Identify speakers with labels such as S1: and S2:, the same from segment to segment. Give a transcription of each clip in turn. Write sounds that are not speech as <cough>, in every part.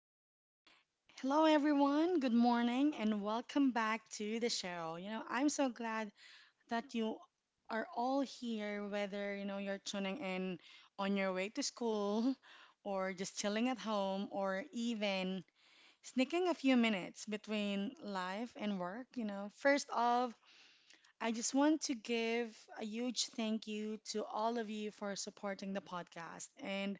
S1: and hello everyone. Good morning and welcome back to the show. You know, I'm so glad that you are all here whether, you know, you're tuning in on your way to school <laughs> or just chilling at home or even sneaking a few minutes between life and work, you know. First off, I just want to give a huge thank you to all of you for supporting the podcast and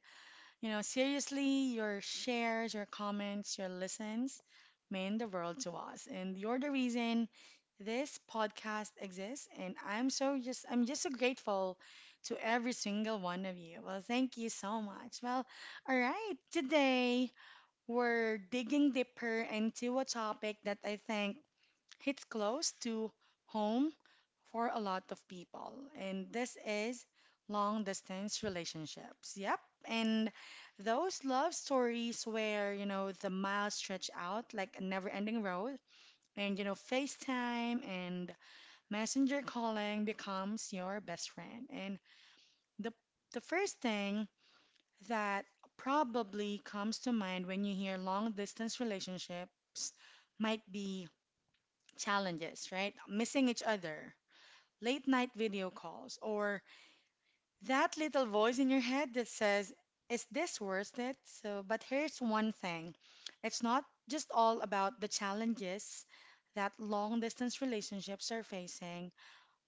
S1: you know, seriously, your shares, your comments, your listens mean the world to us. And you're the reason this podcast exists. And I'm just so grateful to every single one of you. Well, thank you so much. Well, all right. Today, we're digging deeper into a topic that I think hits close to home for a lot of people, and this is long distance relationships. Yep. And those love stories where, you know, the miles stretch out like a never ending road, and, you know, FaceTime and messenger calling becomes your best friend. And the, the first thing that probably comes to mind when you hear long distance relationships might be challenges, right? Missing each other, late night video calls, or that little voice in your head that says, is this worth it? So, but here's one thing, it's not just all about the challenges that long distance relationships are facing,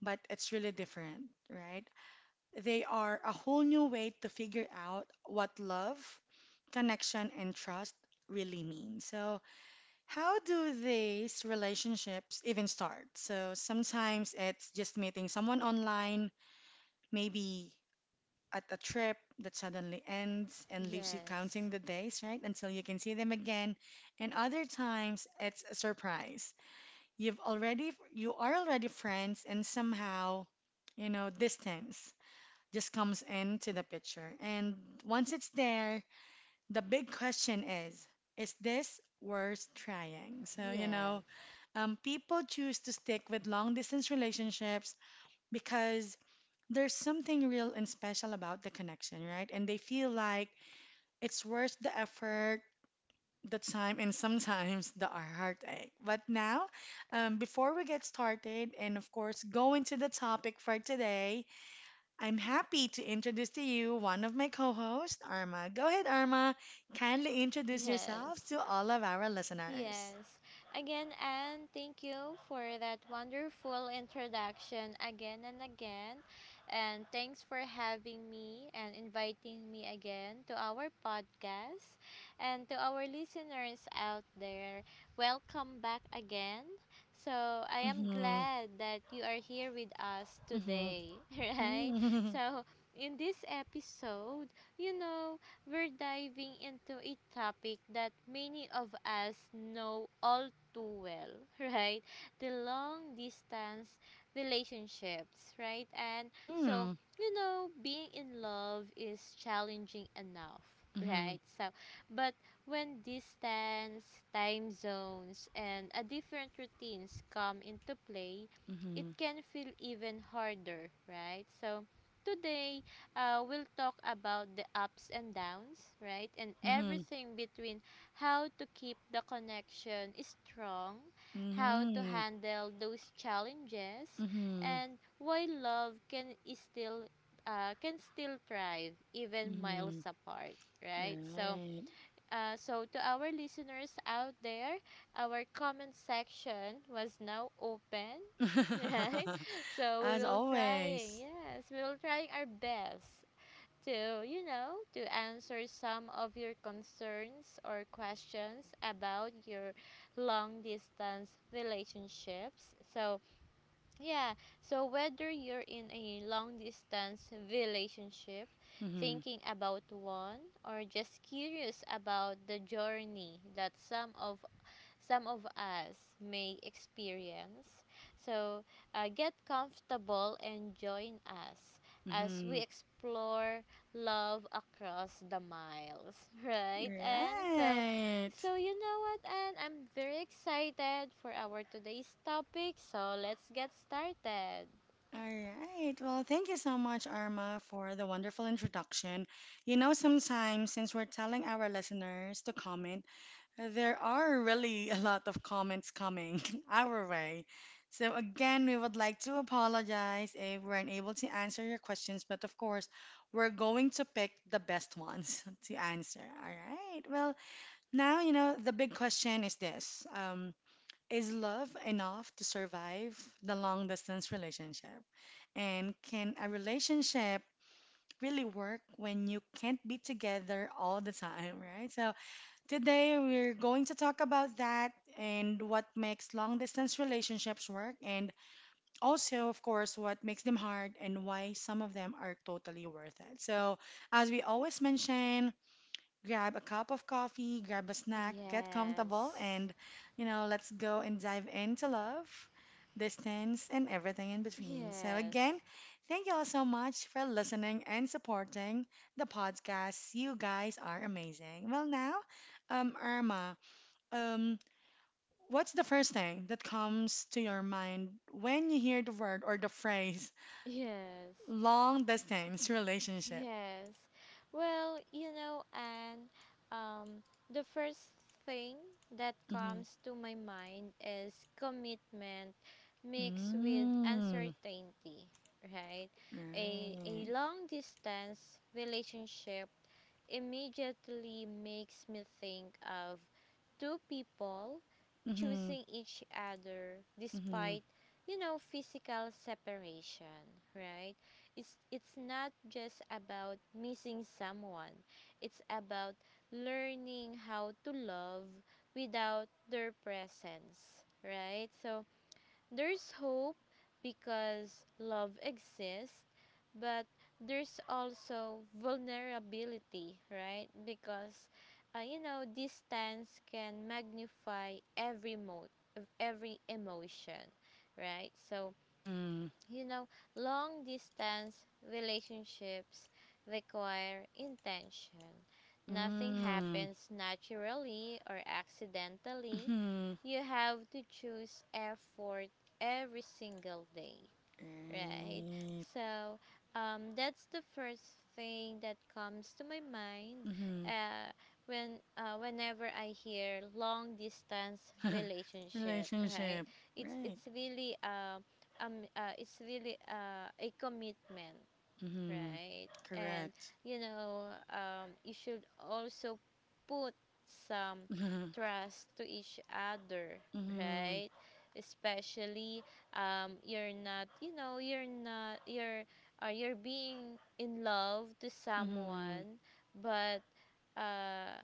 S1: but it's really different, right? They are a whole new way to figure out what love, connection, and trust really mean. So, how do these relationships even start? So, sometimes it's just meeting someone online, maybe at a trip that suddenly ends and leaves you counting
S2: Yes.
S1: the days, right, until you can see them again. And other times it's a surprise. You are already friends and somehow, you know, distance just comes into the picture. And once it's there, the big question is this worth trying? So, you know,
S2: Yes.
S1: people choose to stick with long distance relationships because there's something real and special about the connection, right? And they feel like it's worth the effort, the time, and sometimes the heartache. But now, before we get started, and of course, go into the topic for today, I'm happy to introduce to you one of my co hosts, Arma. Go ahead, Arma. Kindly introduce
S2: Yes.
S1: yourselves to all of our listeners.
S2: Yes. Again, Anne, thank you for that wonderful introduction again and again. And thanks for having me and inviting me again to our podcast. And to our listeners out there, welcome back again. So, I am
S1: Mm-hmm,
S2: glad that you are here with us
S1: mm-hmm,
S2: today, <laughs> right?
S1: mm-hmm,
S2: So, in this episode, you know, we're diving into a topic that many of us know all too well, <laughs> right? The long distance relationships, right? And
S1: <laughs>
S2: so,
S1: mm-hmm,
S2: you know, being in love is challenging enough, right? So, but when distance, time zones, and a different routines come into play, it
S1: mm-hmm,
S2: can feel even harder, right? So, today we'll talk about the ups and downs, right? And
S1: mm-hmm,
S2: everything between how to keep the connection strong, how to
S1: mm-hmm,
S2: handle those challenges,
S1: mm-hmm.
S2: and why love can is still can still thrive even miles
S1: Mhm.
S2: apart, right? So,
S1: Right.
S2: so to our listeners out there, our comment section was now open, <laughs> right?
S1: <laughs>
S2: So we
S1: As
S2: will trying,
S1: always.
S2: yes, we will trying our best to, you know, to answer some of your concerns or questions about your long distance relationships. So, yeah, so whether you're in a long distance relationship,
S1: Mhm.
S2: thinking about one, or just curious about the journey that some of us may experience. So get comfortable and join us as we
S1: Mhm.
S2: explore love across the miles, <laughs> right? And so,
S1: Right.
S2: so you know what? And I'm very excited for our today's topic. So let's get started.
S1: All right. Well, thank you so much, Arma, for the wonderful introduction. You know, sometimes since we're telling our listeners to comment, there are really a lot of comments coming <laughs> our way. So, again, we would like to apologize if we're unable to answer your questions, but of course, we're going to pick the best ones <laughs> to answer. All right. Well, now, you know, the big question is this. Is love enough to survive the long distance relationship? And can a relationship really work when you can't be together all the time, <laughs> right? So, today, we're going to talk about that and what makes long distance relationships work, and also, of course, what makes them hard and why some of them are totally worth it. So, as we always mention, grab a cup of coffee, grab a snack, get comfortable,
S2: Yes.
S1: and, you know, let's go and dive into love, distance, and everything in between. So,
S2: Yes.
S1: again, thank you all so much for listening and supporting the podcast. You guys are amazing. Well, now, Irma, um, what's the first thing that comes to your mind when you hear the word or the phrase
S2: Yes.
S1: long distance relationship?
S2: Yes. Well, you know, and um, the first thing that
S1: Mm-hmm.
S2: comes to my mind is commitment mixed with
S1: Mm,
S2: uncertainty, right? A,
S1: right.
S2: a long distance relationship immediately makes me think of two people
S1: Mm-hmm.
S2: choosing each other
S1: Mm-hmm.
S2: despite you know physical separation, right? It's not just about missing someone, it's about learning how to love without their presence, right? So there's hope because love exists, but there's also vulnerability, right? Because you know, distance can magnify every emotion, right? So
S1: Mm-hmm.
S2: you know, long distance relationships require intention. Nothing
S1: Mm.
S2: happens naturally or accidentally.
S1: Mm-hmm.
S2: You have to choose effort every single day. Right.
S1: Right.
S2: So, that's the first thing that comes to my mind
S1: Mm-hmm.
S2: uh, whenever I hear long distance
S1: <laughs>
S2: relationship, right?
S1: Relationship.
S2: It's
S1: Right.
S2: it's really um, it's really a commitment,
S1: Mm-hmm.
S2: right? And
S1: Correct.
S2: you know, you should also put some
S1: Mm-hmm.
S2: trust to each other,
S1: Mm-hmm.
S2: right? Especially, you're not, you know, you're not, you're being in love to
S1: Mm-hmm.
S2: someone, but uh,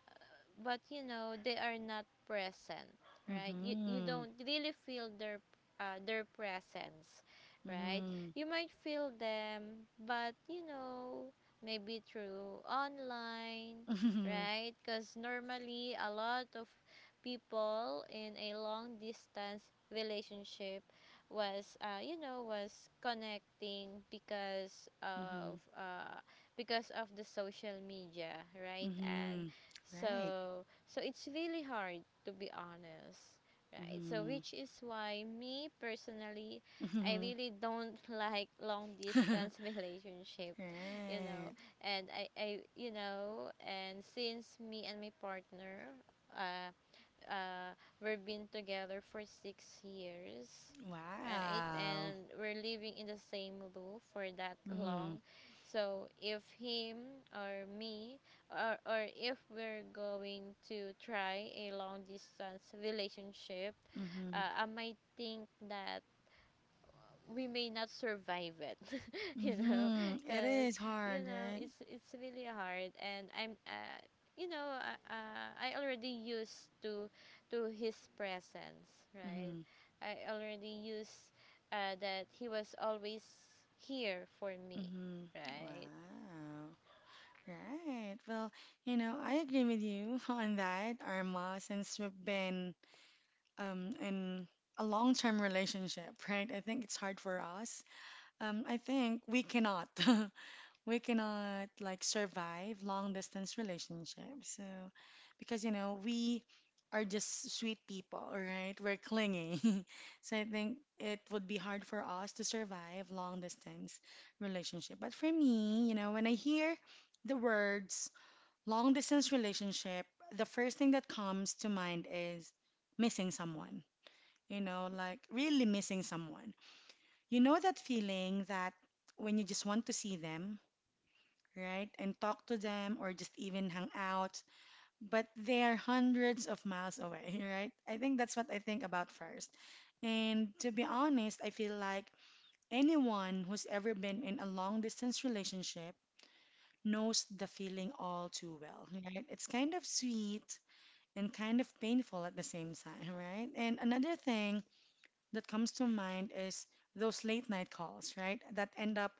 S2: you know they are not present, right? You don't really feel their presence, right?
S1: Mm-hmm.
S2: You might feel them but you know maybe through online,
S1: Mm-hmm. Mm-hmm.
S2: right? Because normally a lot of people in a long distance relationship was you know was connecting
S1: Mm-hmm.
S2: because of the social media, right? And
S1: Mm-hmm. Right.
S2: so, so it's really hard to be honest, right? So,
S1: Mm-hmm.
S2: which is why me personally, I
S1: Mm-hmm.
S2: really don't <laughs> like long distance <laughs>
S1: <laughs>
S2: relationship, you know.
S1: Right.
S2: You know, and since me and my partner, uh, uh, we've been together for 6 years, right?
S1: Wow.
S2: And we're living in the same roof for that
S1: Mm-hmm.
S2: long. So if him or me, or if we're going to try a long distance relationship,
S1: Mm-hmm.
S2: I might think that we may not survive it, <laughs> you know,
S1: Mm-hmm. It
S2: because
S1: is
S2: you
S1: hard,
S2: know
S1: right?
S2: it's it's really hard and I'm you know I already used to his presence, right?
S1: Mm-hmm.
S2: I already used that he was always here for me,
S1: Hmm.
S2: right?
S1: Wow. Right. Well, you know, I agree with you <laughs> on that, Arma, since we've been in a long-term relationship, right? I think it's hard for us. I think we cannot. <laughs> We cannot like survive long distance relationships. So, because you know, we are just sweet people, right? We're clingy. <laughs> So I think it would be hard for us to survive long distance relationship. But for me, you know, when I hear the words long distance relationship, the first thing that comes to mind is missing someone. You know, like really missing someone. You know that feeling that when you just want to see them, right? And talk to them or just even hang out. But they're hundreds of miles away, <laughs> right? I think that's what I think about first. And to be honest, I feel like anyone who's ever been in a long distance relationship knows the feeling all too well, right? It's kind of sweet and kind of painful at the same time, <laughs> right? And another thing that comes to mind is those late night calls, right? That end up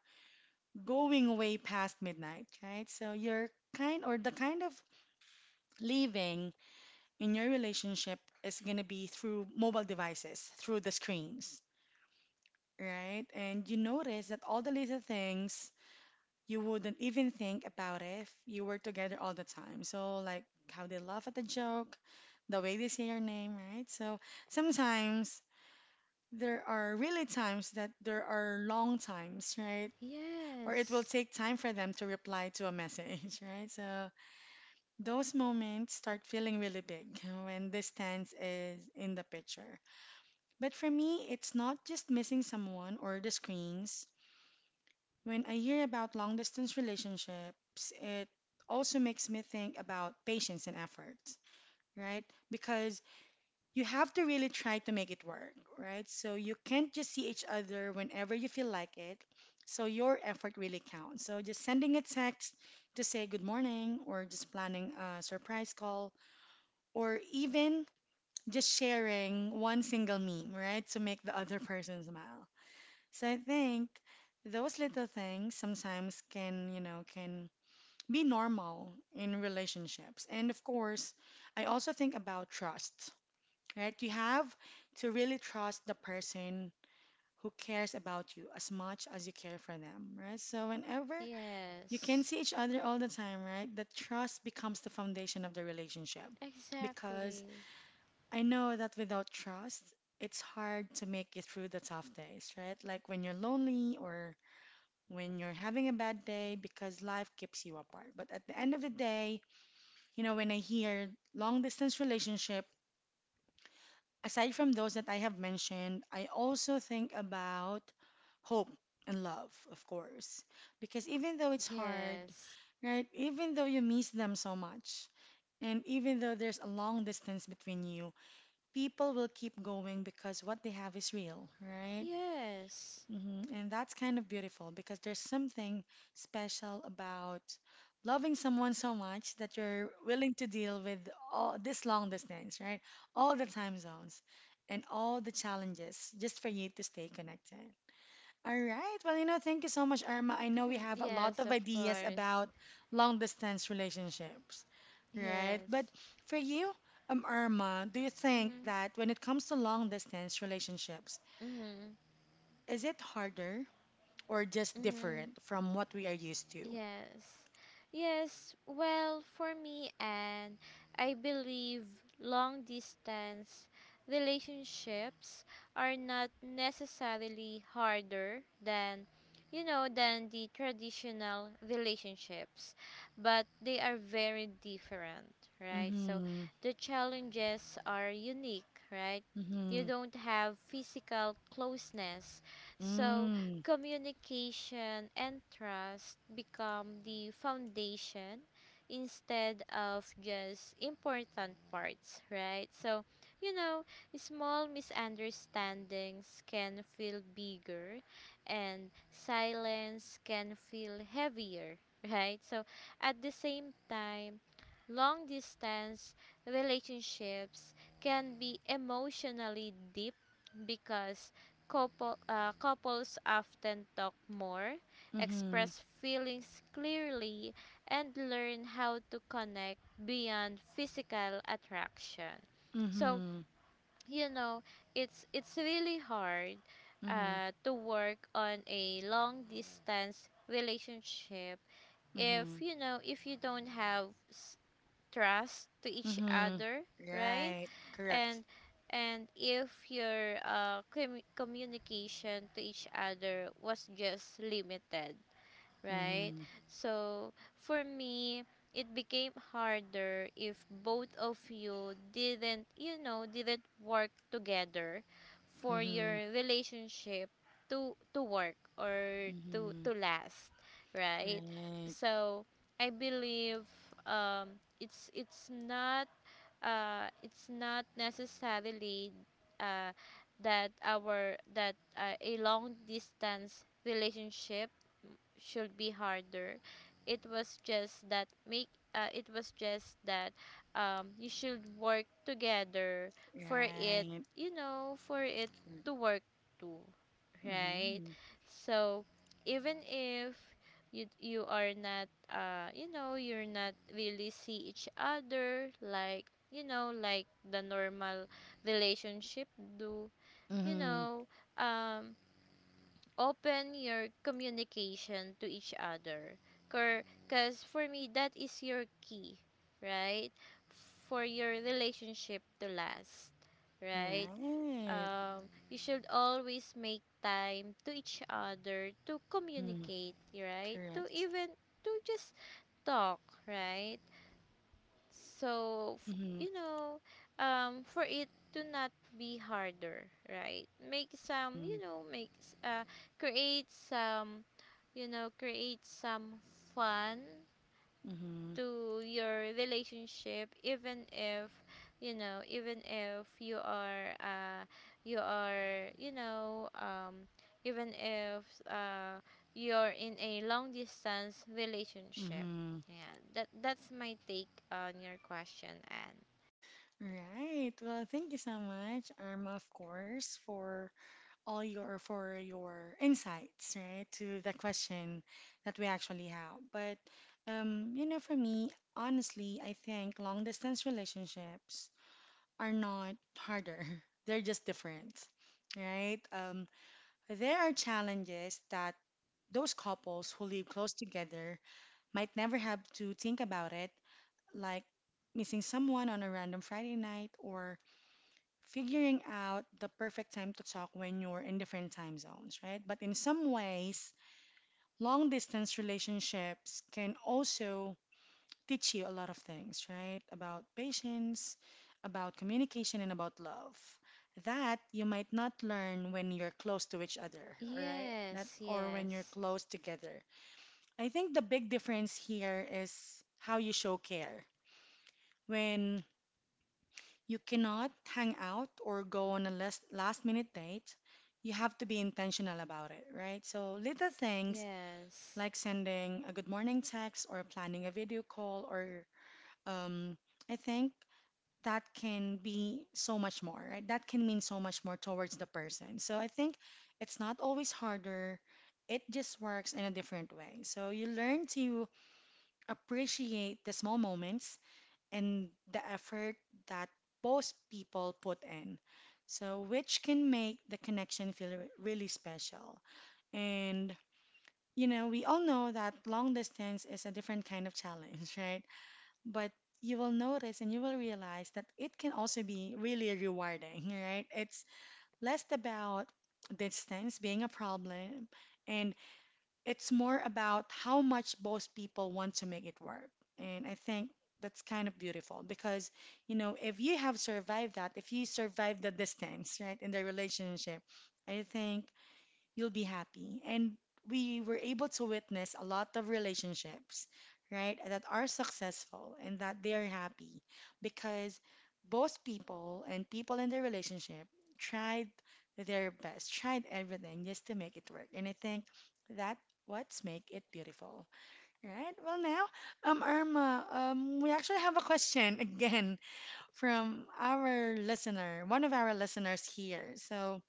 S1: going way past midnight, right? So you're kind or the kind of living in your relationship is going to be through mobile devices, through the screens, right? And you notice that all the little things you wouldn't even think about if you were together all the time. So, like how they laugh at the joke, the way they say your name, right? So, sometimes there are really times that there are long times, right? Or it will
S2: Yes.
S1: take time for them to reply to a message, <laughs> right? So, those moments start feeling really big <laughs> when distance is in the picture. But for me, it's not just missing someone or the screens. When I hear about long distance relationships, it also makes me think about patience and effort, right? Because you have to really try to make it work, right? So you can't just see each other whenever you feel like it. So your effort really counts. So just sending a text to say good morning or just planning a surprise call or even just sharing one single meme, right, to make the other person smile. So I think those little things sometimes can, you know, can be normal in relationships. And of course, I also think about trust, right? You have to really trust the person who cares about you as much as you care for them, right? So whenever you can
S2: Yes.
S1: see each other all the time, right, the trust becomes the foundation of the relationship because
S2: Exactly.
S1: I know that without trust, it's hard to make it through the tough days, right? Like when you're lonely or when you're having a bad day because life keeps you apart. But at the end of the day, you know, when I hear long distance relationship, aside from those that I have mentioned, I also think about hope and love, of course. Because even though it's hard,
S2: Yes.
S1: right? Even though you miss them so much, and even though there's a long distance between you, people will keep going because what they have is real, right?
S2: Yes.
S1: Hmm. And that's kind of beautiful because there's something special about loving someone so much that you're willing to deal with all this long distance, right? All the time zones and all the challenges just for you to stay connected. All right. Well, you know, thank you so much, Irma. I know we
S2: Mhm,
S1: have a lot
S2: yes,
S1: of
S2: of
S1: ideas
S2: course.
S1: about long distance relationships, right?
S2: Yes.
S1: But for you, Irma, do you think
S2: Hmm.
S1: that when it comes to long distance relationships,
S2: Mm-hmm.
S1: is it harder or just
S2: Mm-hmm.
S1: different from what we are used to?
S2: Yes. Yes. Well, for me, and I believe long distance relationships are not necessarily harder than you know than the traditional relationships, but they are very different, right? So
S1: Mm-hmm.
S2: the challenges are unique, right? You
S1: Mm-hmm.
S2: don't have physical closeness, so
S1: Mm-hmm.
S2: communication and trust become the foundation instead of just important parts, right? So, you know, small misunderstandings can feel bigger and silence can feel heavier, <laughs> right? So, at the same time, long distance relationships can be emotionally deep because couples often talk more,
S1: Mm-hmm.
S2: express feelings clearly, and learn how to connect beyond physical attraction. So,
S1: Mm-hmm.
S2: you know, it's really hard
S1: Mm-hmm.
S2: to work on a long distance relationship
S1: Mm-hmm.
S2: if you know if you don't have trust to each
S1: Mm-hmm.
S2: other, right?
S1: Right. Correct.
S2: and and if your communication to each other was just limited, right?
S1: Mm-hmm.
S2: So for me it became harder if both of you didn't you know didn't work together for
S1: Mm-hmm.
S2: your relationship to work or to
S1: Mm-hmm.
S2: last, right?
S1: Right.
S2: So I believe it's not it's not necessarily uh, that our that a long distance relationship should be harder. It was just that make it was just that you should work together for it,
S1: Right.
S2: you know, for it to work too, right?
S1: Mm-hmm.
S2: So even if you are not you're not really see each other like you know like the normal relationship do, you
S1: Mm-hmm.
S2: know, um open your communication to each other because for me that is your key, right? For your relationship to last, right?
S1: Right.
S2: um you should always make time to each other to
S1: Mm-hmm.
S2: communicate, right? To
S1: Correct.
S2: even to just talk, right? So,
S1: Mm-hmm.
S2: you know, for it to not be harder, right? Make some,
S1: Mm-hmm.
S2: you know, make s- create some, you know, create some fun
S1: Mm-hmm.
S2: to your relationship even if you know even if you are you are you know even if uh you're in a long distance relationship.
S1: Mm-hmm.
S2: Yeah, that that's my take on your question. And
S1: Right. Well, thank you so much, Arma, of course, for all your for your insights, right, to the question that we actually have. But you know, for me, honestly, I think long distance relationships are not harder. <laughs> They're just different, right? There are challenges that those couples who live close together might never have to think about it, like missing someone on a random Friday night or figuring out the perfect time to talk when you're in different time zones, right? But in some ways, long distance relationships can also teach you a lot of things, right? About patience, about communication, and about love. That you might not learn when you're close to each other, all right? That
S2: yes.
S1: or when you're
S2: Yes.
S1: close together. I think the big difference here is how you show care. When you cannot hang out or go on a last minute date, you have to be intentional about it, right? So little things
S2: Yes.
S1: like sending a good morning text or planning a video call or um I think that can be so much more, right? That can mean so much more towards the person. So I think it's not always harder. It just works in a different way. So you learn to appreciate the small moments and the effort that both people put in, So which can make the connection feel really special. And we all know that long distance is a different kind of challenge, <laughs> right? But you will notice and you will realize that it can also be really rewarding, right? It's less about distance being a problem, and it's more about how much both people want to make it work. And I think that's kind of beautiful because, if you have survived that, if you survived the distance, right, in the relationship, I think you'll be happy. And we were able to witness a lot of relationships, right, that are successful and that they are happy because both people and people in their relationship tried their best, tried everything just to make it work. And I think that what's make it beautiful, right? Well, now, Irma, we actually have a question <laughs> again from our listener, one of our listeners here. So,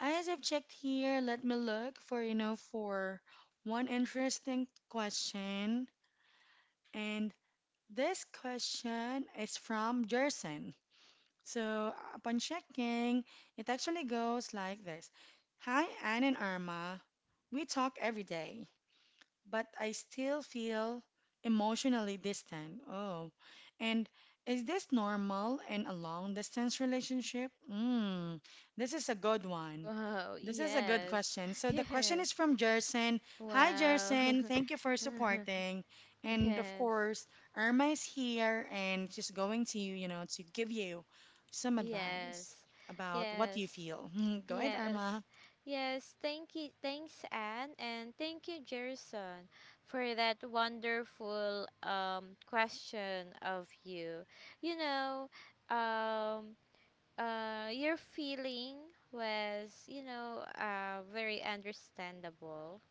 S1: as I've checked here, let me look for, for one interesting question. And this question is from Jerson. So upon checking, it actually goes like this. Hi, Anne and Irma. We talk every day but I still feel emotionally distant. Oh, and is this normal in a long distance relationship? Mm, this is a good one.
S2: Wow.
S1: This is a good
S2: Yes.
S1: question.
S2: <laughs>
S1: So the question
S2: Yes.
S1: is from Jerson. Hi,
S2: Wow.
S1: Jerson. Thank you for
S2: <laughs>
S1: supporting. And of
S2: Yes.
S1: course, Irma is here and she's going to, to give you some advice
S2: Yes.
S1: about what
S2: yes
S1: you feel. <laughs> Go ahead, Irma.
S2: Yes. Yes, thank you. Thanks, Anne, and thank you, Jerison, for that wonderful question of you. You know, um your feeling was, you know, very understandable,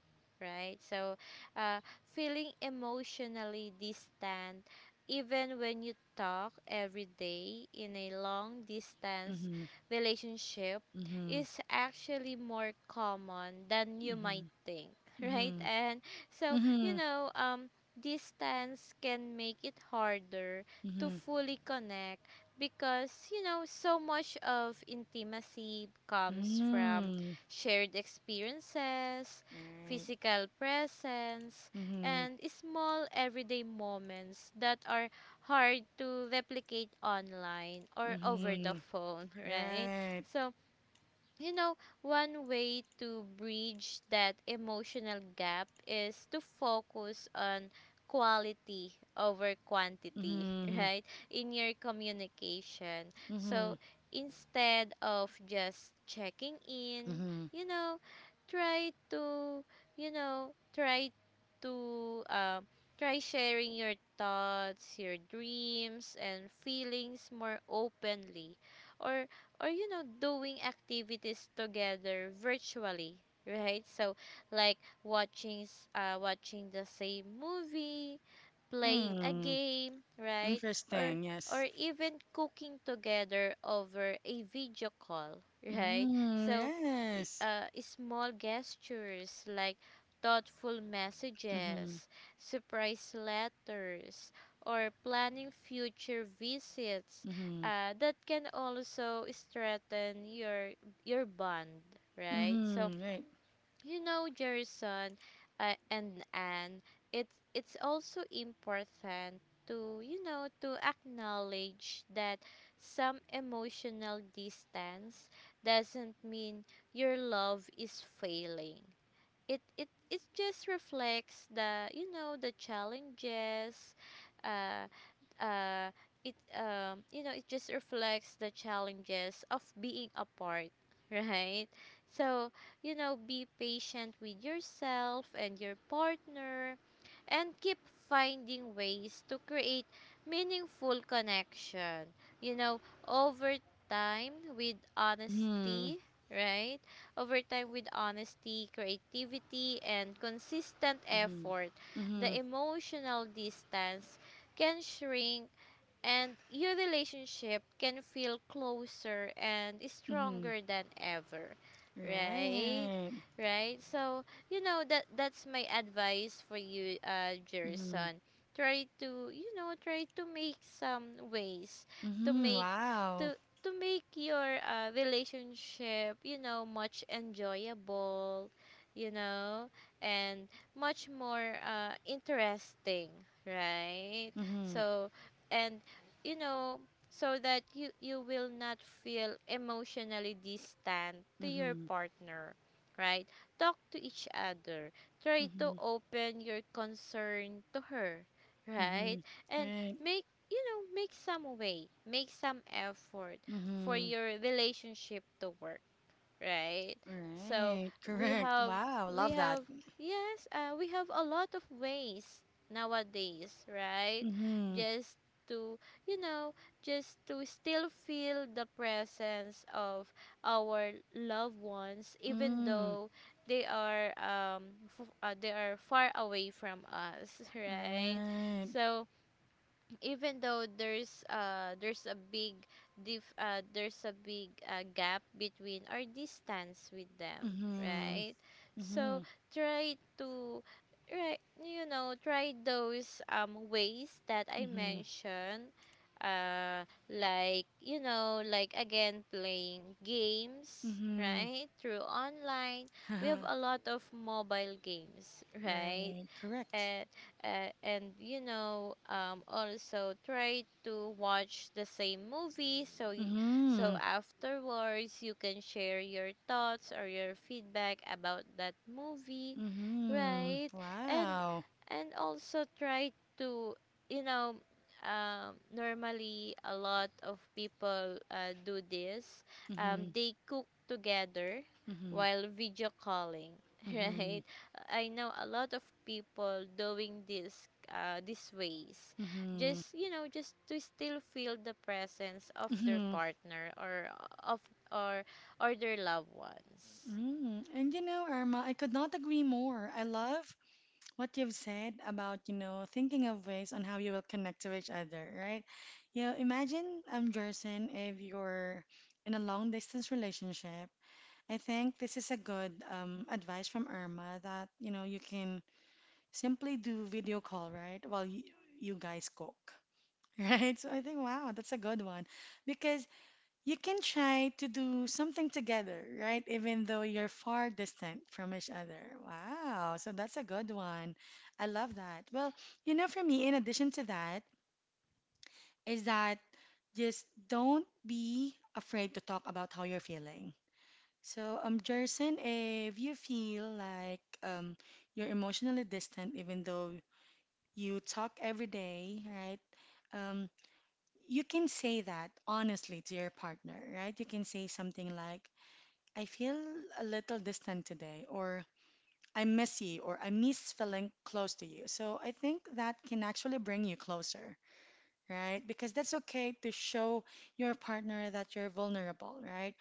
S2: right? So, uh, feeling emotionally distant, even when you talk every day in a long distance
S1: Mm-hmm.
S2: relationship,
S1: Mm-hmm.
S2: is actually more common than you might
S1: Mm-hmm.
S2: think, <laughs> right?
S1: Mm-hmm.
S2: And so, you
S1: Mm-hmm.
S2: know, distance can make it harder to
S1: Mhm.
S2: fully connect because you know so much of intimacy comes from
S1: Mm.
S2: shared experiences,
S1: Right.
S2: physical presence,
S1: Mhm.
S2: and small everyday moments that are hard to replicate online or over the
S1: Mhm.
S2: phone, <laughs> right?
S1: Right.
S2: So you know, one way to bridge that emotional gap is to focus on quality over quantity, <laughs>
S1: Mhm.
S2: right? In your communication. So
S1: Mhm.
S2: instead of just checking in,
S1: Mhm.
S2: you know, try to, try to, try sharing your thoughts, your dreams, and feelings more openly or or you know doing activities together virtually, right? So like watching the same movie, playing a
S1: Mm.
S2: game, right? or
S1: Interesting. Yes.
S2: or even cooking together over a video call, right?
S1: Mm.
S2: So
S1: Yes.
S2: small gestures like thoughtful
S1: Mhm.
S2: messages, surprise letters, or planning future visits,
S1: Mhm.
S2: that can also strengthen your bond, right? So
S1: Mhm. Right.
S2: you know, Jerison and Anne, it's also important to you know to acknowledge that some emotional distance doesn't mean your love is failing, it just reflects the you know the challenges uh uh it you know it just reflects the challenges of being apart, <laughs> right? So you know be patient with yourself and your partner and keep finding ways to create meaningful connection, you know, over time, with
S1: Mhm.
S2: honesty, right? Over time, with honesty, creativity, and consistent
S1: Mhm.
S2: effort, the
S1: Mhm.
S2: emotional distance can shrink and your relationship can feel closer and
S1: Mhm.
S2: stronger than ever, right?
S1: Right.
S2: Right, so you know that that's my advice for you,
S1: Mhm.
S2: Jerson. Try to you know try to make some ways to
S1: Mhm.
S2: make
S1: Wow.
S2: to to make your relationship you know much enjoyable, you know, and much more interesting, right?
S1: Mhm.
S2: So and you know, so that you will not feel emotionally distant to your
S1: Mhm.
S2: partner, right? Talk to each other. Try to
S1: Mhm.
S2: open your concern to her, right?
S1: Mhm.
S2: And
S1: Right.
S2: make, you know, make some way, make some effort for
S1: Mhm.
S2: your relationship to work, right? So
S1: Right. <laughs>
S2: we
S1: Correct.
S2: have
S1: Wow.
S2: we
S1: Love that.
S2: have yes, we have a lot of ways nowadays, right?
S1: Mm-hmm.
S2: Just to you know, just to still feel the presence of our loved ones, even
S1: Mm.
S2: though they are they are far away from us, <laughs> right?
S1: Right.
S2: So even though there's a big there's a big gap between our distance with them,
S1: Mm-hmm.
S2: right? So
S1: Mm-hmm.
S2: try to, right, try those ways that I
S1: Mm-hmm.
S2: mentioned. uh like, like, again, playing games,
S1: Mm-hmm.
S2: right, through online. We have a
S1: <laughs>
S2: lot of mobile games, right?
S1: Right. Correct.
S2: And uh, and you know, also try to watch the same movie, so so
S1: Mm-hmm.
S2: afterwards you can share your thoughts or your feedback about that movie,
S1: Mm-hmm.
S2: right? and
S1: Wow.
S2: and also try to, you know normally a lot of people do this.
S1: Mm-hmm.
S2: They cook together
S1: Mm-hmm.
S2: while video calling, <laughs>
S1: Mm-hmm.
S2: right? I know a lot of people doing this, these ways,
S1: Mm-hmm.
S2: just just to still feel the presence of their
S1: Mm-hmm.
S2: partner, of or or their loved ones.
S1: Mm. And Irma, I could not agree more. I love what you've said about, thinking of ways on how you will connect to each other, right? Imagine, Jerson, if you're in a long distance relationship, I think this is a good advice from Irma that, you can simply do video call, right? While you guys cook, <laughs> right? So I think, wow, that's a good one because you can try to do something together, right? Even though you're far distant from each other. Wow. So that's a good one. I love that. Well, for me, in addition to that, is that just don't be afraid to talk about how you're feeling. So, Jerson, if you feel like you're emotionally distant, even though you talk every day, right? Um, you can say that honestly to your partner, right? You can say something like, I feel a little distant today, or I miss you, or I miss feeling close to you. So, I think that can actually bring you closer, right? Because that's okay to show your partner that you're vulnerable, right?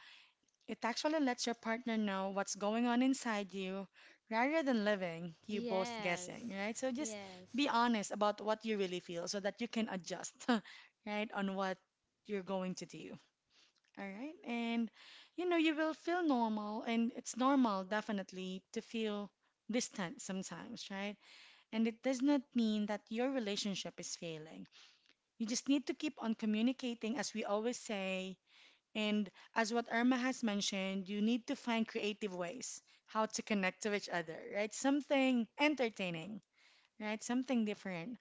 S1: It actually lets your partner know what's going on inside you rather than living you both guessing,
S2: Yes,
S1: right? So just be
S2: yes,
S1: honest about what you really feel so that you can adjust, <laughs> right, on what you're going to do. All right? And you will feel normal and it's normal definitely to feel distant sometimes, right? And it does not mean that your relationship is failing. You just need to keep on communicating as we always say and as what Irma has mentioned. You need to find creative ways how to connect to each other, right? Something entertaining, right? Something different.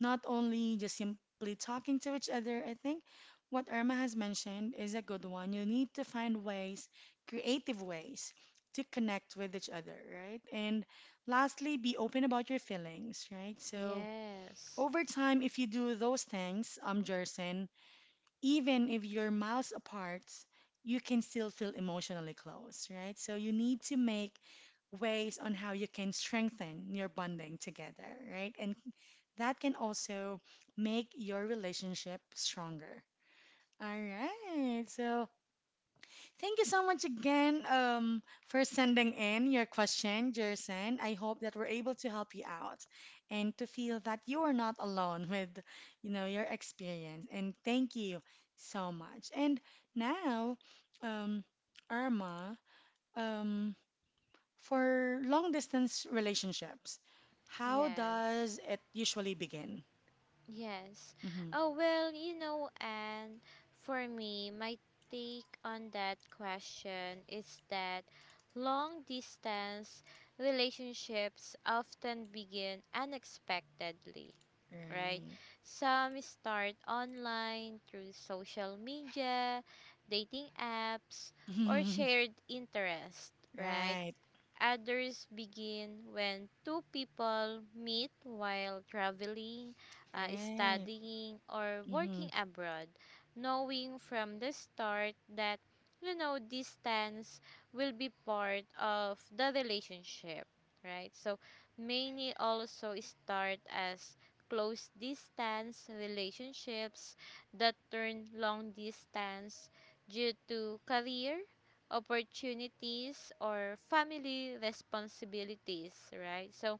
S1: Not only just simply talking to each other. I think what Irma has mentioned is a good one. You need to find ways, creative ways, to connect with each other, right? And lastly, be open about your feelings, right? So
S2: yes,
S1: over time, if you do those things, Jerson, even if you're miles apart, you can still feel emotionally close, right? So you need to make ways on how you can strengthen your bonding together, right? And that can also make your relationship stronger. All right. So thank you so much again for sending in your question, Jerson. I hope that we're able to help you out and to feel that you are not alone <laughs> with, your experience. And thank you so much. And now, um, Irma, um, for long distance relationships, how
S2: yes.
S1: does it usually begin?
S2: Yes.
S1: Hmm.
S2: Oh, well, you know, and for me, my take on that question is that long distance relationships often begin unexpectedly, right?
S1: Right.
S2: Some start online through social media, dating apps, or shared
S1: <laughs>
S2: interest, right?
S1: Right.
S2: Others begin when two people meet while traveling,
S1: Right.
S2: studying, or working
S1: Mm-hmm.
S2: abroad, knowing from the start that, you know, distance will be part of the relationship, right? So many also start as close distance relationships that turn long distance due to career opportunities or family responsibilities, right? So,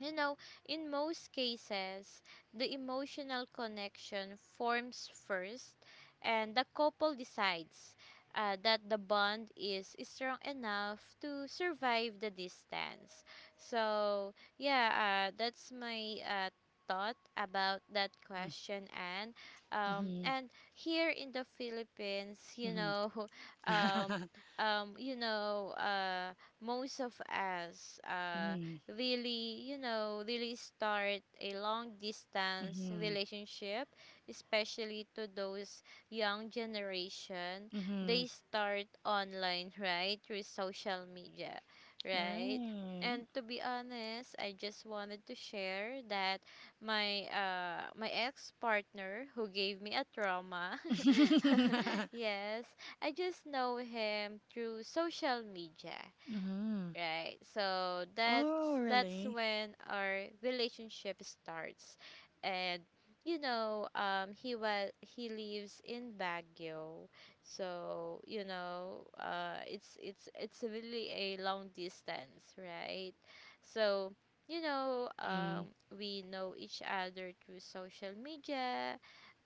S2: you know, in most cases, the emotional connection forms first, and the couple decides that the bond is strong enough to survive the distance. So, yeah, that's my thought about that
S1: Mm-hmm.
S2: question. And
S1: Mm-hmm.
S2: and here in the Philippines, you know, <laughs> um,
S1: Mm-hmm. <laughs>
S2: you know, most of us,
S1: Mm.
S2: really, you know, really start a long distance
S1: Mhm.
S2: relationship, especially to those young generation.
S1: Mhm.
S2: They start online, right? Through social media, right?
S1: Right.
S2: And to be honest, I just wanted to share that my ex partner who gave me a trauma. <laughs>
S1: <laughs>
S2: Yes, I just know him through social media,
S1: Mhm.
S2: right? So
S1: Oh,
S2: that's
S1: really?
S2: when our relationship starts. And you know, he lives in Baguio. So you know, it's really a long distance, right? So you know,
S1: Mhm.
S2: we know each other through social media.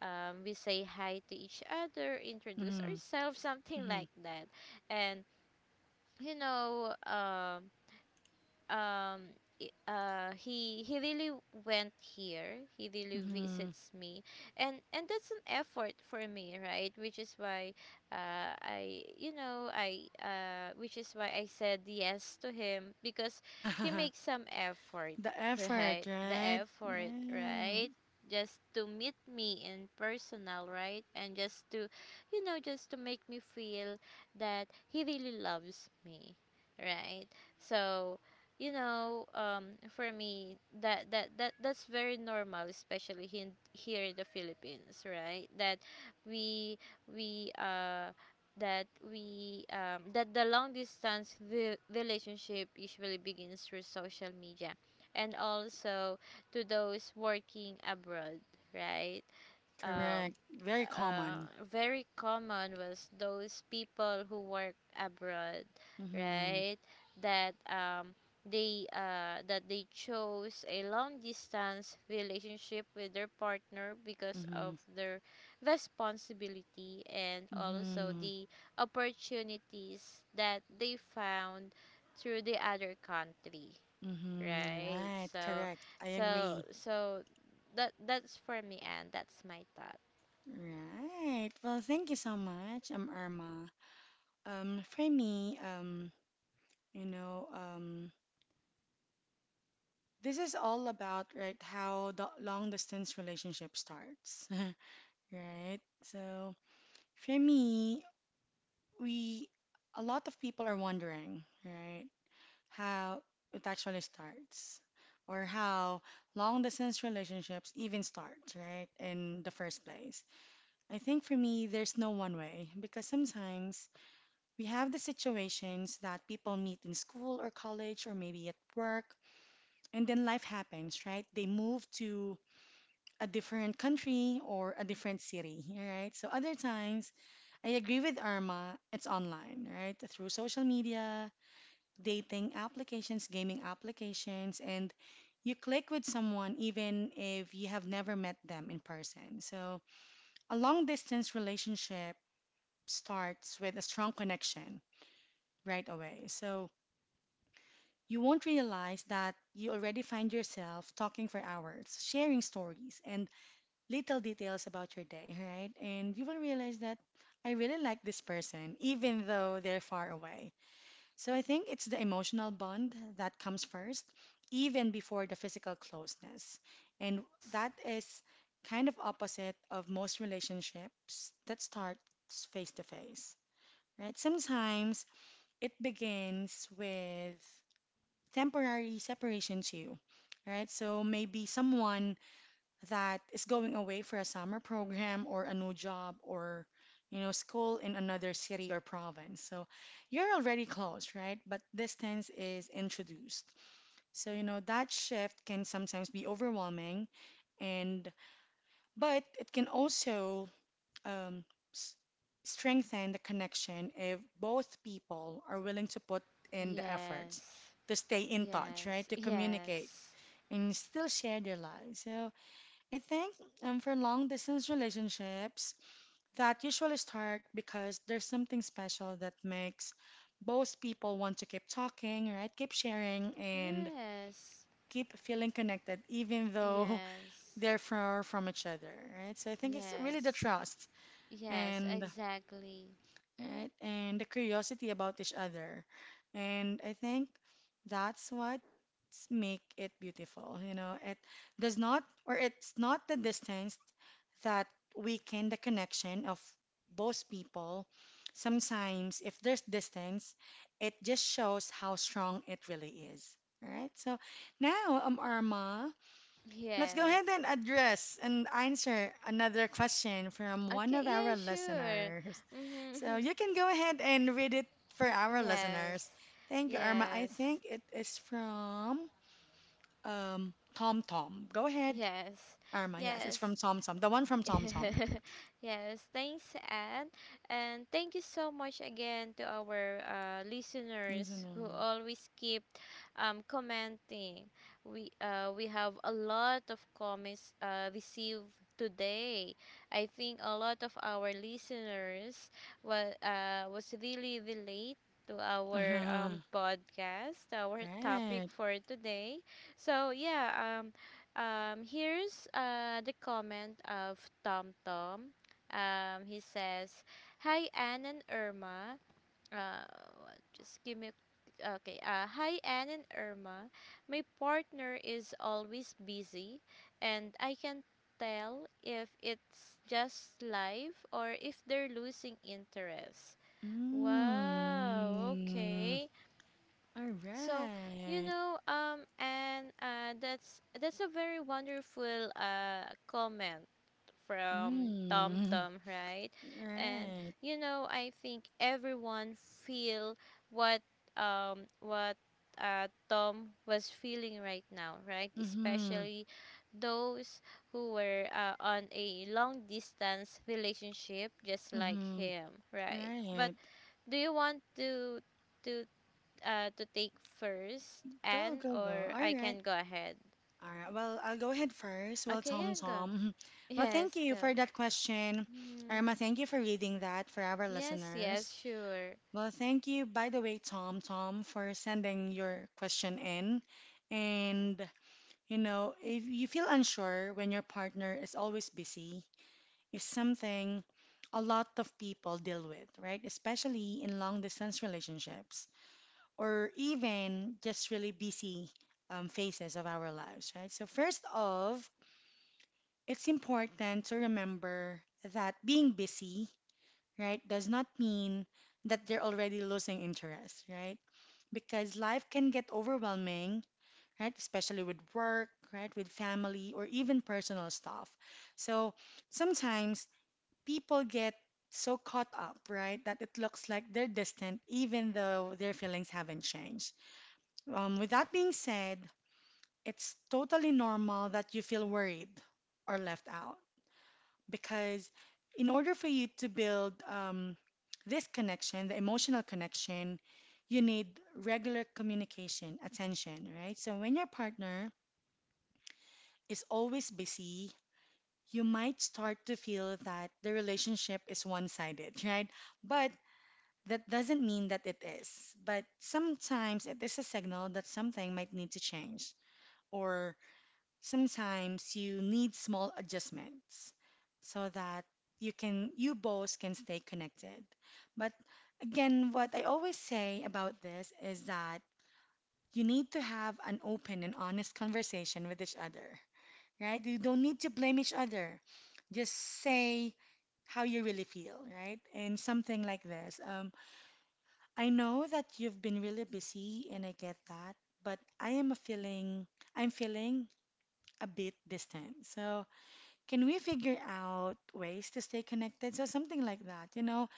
S2: We say hi to each other, introduce
S1: Mhm.
S2: ourselves, something
S1: Mhm.
S2: like that. And you know, um he really went here, he really
S1: Mhm.
S2: visits me. And that's an effort for me, right? Which is why, I you know I which is why I said yes to him, because he makes
S1: <laughs>
S2: some effort.
S1: The
S2: <laughs>
S1: effort,
S2: Right, the
S1: right?
S2: effort,
S1: Right.
S2: right? Just to meet me in personal, right? And just to, you know, just to make me feel that he really loves me, right? So you know, for me, that that's very normal, especially in, here in the Philippines, right? That we we that we that the long distance relationship usually begins through social media, and also to those working abroad, right? um,
S1: Correct. Very
S2: uh,
S1: common.
S2: Very common was those people who work abroad,
S1: Mhm.
S2: right? That they that they chose a long distance relationship with their partner because of
S1: Mhm.
S2: their responsibility and also
S1: Mhm.
S2: the opportunities that they found through the other country,
S1: Mhm.
S2: right?
S1: Right.
S2: So,
S1: Correct. I
S2: so,
S1: agree.
S2: so that, that's for me, and that's my thought.
S1: Right. Well, thank you so much, Irma. For me, you know, um. This is all about right how the long distance relationship starts, <laughs> right? So for me, we a lot of people are wondering, right, how it actually starts or how long distance relationships even start, right, in the first place. I think for me, there's no one way because sometimes we have the situations that people meet in school or college or maybe at work, and then life happens, right? They move to a different country or a different city, right? So other times, I agree with Irma, it's online, right? Through social media, dating applications, gaming applications, and you click with someone even if you have never met them in person. So a long distance relationship starts with a strong connection right away. So you won't realize that you already find yourself talking for hours, sharing stories, and little details about your day, right? And you will realize that I really like this person, even though they're far away. So I think it's the emotional bond that comes first, even before the physical closeness. And
S2: Yes,
S1: that is kind of opposite of most relationships that starts face to face, right? Sometimes it begins with temporary separation too, right? So maybe someone that is going away for a summer program or a new job or school in another city or province. So you're already close, right, but distance is introduced. So that shift can sometimes be overwhelming, and but it can also um, s- strengthen the connection if both people are willing to put in the
S2: yes,
S1: efforts to stay in touch,
S2: yes,
S1: right, to communicate
S2: yes,
S1: and still share their lives. So I think for long distance relationships, that usually start because there's something special that makes both people want to keep talking, right? Keep sharing and
S2: yes,
S1: keep feeling connected, even though <laughs>
S2: yes,
S1: they're far from each other, right? So I think it's really the
S2: yes,
S1: trust
S2: yes,
S1: and,
S2: exactly.
S1: right, and the curiosity about each other, and I think that's what make it beautiful. You know, it does not, or it's not the distance that weaken the connection of both people. Sometimes, if there's distance, it just shows how strong it really is. All right. So now, Arma, let's go
S2: Yes.
S1: ahead and address and answer another question from one
S2: Okay,
S1: of
S2: yeah,
S1: our
S2: sure.
S1: listeners. So
S2: Mm-hmm.
S1: you
S2: <laughs>
S1: can go ahead and read it for our
S2: Yes,
S1: listeners. Thank you, Arma. I
S2: yes,
S1: think it is from Tom Tom. Go ahead,
S2: yes,
S1: Arma. Yes,
S2: yes.
S1: it's from Tom Tom, the one from Tom Tom.
S2: <laughs> Yes, thanks, Anne. And thank you so much again to our listeners
S1: Isn't it?
S2: who always keep commenting. We have a lot of comments received today. I think a lot of our listeners was really relate to
S1: <laughs>
S2: our
S1: Uh-huh.
S2: podcast, our topic
S1: Right.
S2: for today. So yeah, here's the comment of Tom Tom. He says, "Hi Anne and Irma. Uh, what- just give me. Okay. Hi Anne and Irma. My partner is always busy, and I can tell if it's just life or if they're losing interest." Wow.
S1: Mm.
S2: Okay.
S1: All
S2: So, you
S1: right.
S2: know, and that's a very wonderful comment from Tom
S1: Mm.
S2: Tom, right? And
S1: Right.
S2: you know, I think everyone feel what what Tom was feeling right now, right?
S1: Mm-hmm.
S2: Especially those who were on a long distance relationship, just like
S1: Mm-hmm.
S2: him, right? But
S1: Right.
S2: do you want to, to take first,
S1: Go,
S2: and
S1: go, go.
S2: or
S1: All
S2: I can
S1: right.
S2: go ahead?
S1: All right. Well, I'll go ahead first. Well,
S2: Okay,
S1: Tom,
S2: yeah, go.
S1: Tom. <laughs>
S2: <laughs>
S1: Well, thank
S2: Yes,
S1: you
S2: go.
S1: for that question.
S2: Mm-hmm.
S1: Irma, thank you for reading that for our
S2: Yes, yes,
S1: listeners.
S2: sure.
S1: Well, thank you, by the way, Tom, Tom, for sending your question in. And if you feel unsure when your partner is always busy, is something a lot of people deal with, right? Especially in long distance relationships or even just really busy phases of our lives, right? So, first off, it's important to remember that being busy, right, does not mean that they're already losing interest, right? Because life can get overwhelming, right? Especially with work, right? With family or even personal stuff. So sometimes people get so caught up, right, that it looks like they're distant even though their feelings haven't changed. With that being said, it's totally normal that you feel worried or left out because in order for you to build this connection, the emotional connection, you need regular communication, attention, right? So when your partner is always busy, you might start to feel that the relationship is one sided, right? But that doesn't mean that it is. But sometimes it is a signal that something might need to change, or sometimes you need small adjustments so that you both can stay connected but again what I always say about this is that you need to have an open and honest conversation with each other, right? You don't need to blame each other. Just say how you really feel, right? And something like this. I know that you've been really busy and I get that, but I'm feeling a bit distant. So can we figure out ways to stay connected? So something like that,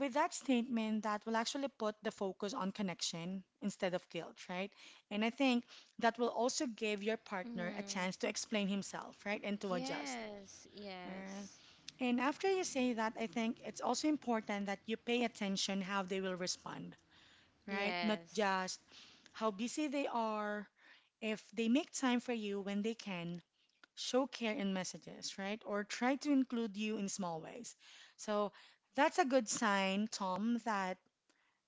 S1: with that statement that will actually put the focus on connection instead of guilt, right? And I think that will also give your partner a
S2: Mm-hmm.
S1: chance to explain himself, right? And to adjust.
S2: Yes,
S1: Alright.
S2: yes,
S1: And after you say that, I think it's also important that you pay attention how they will respond, right? Not
S2: yes,
S1: just how busy they are. If they make time for you when they can, show care in messages, right? Or try to include you in small ways. So that's a good sign, Tom, that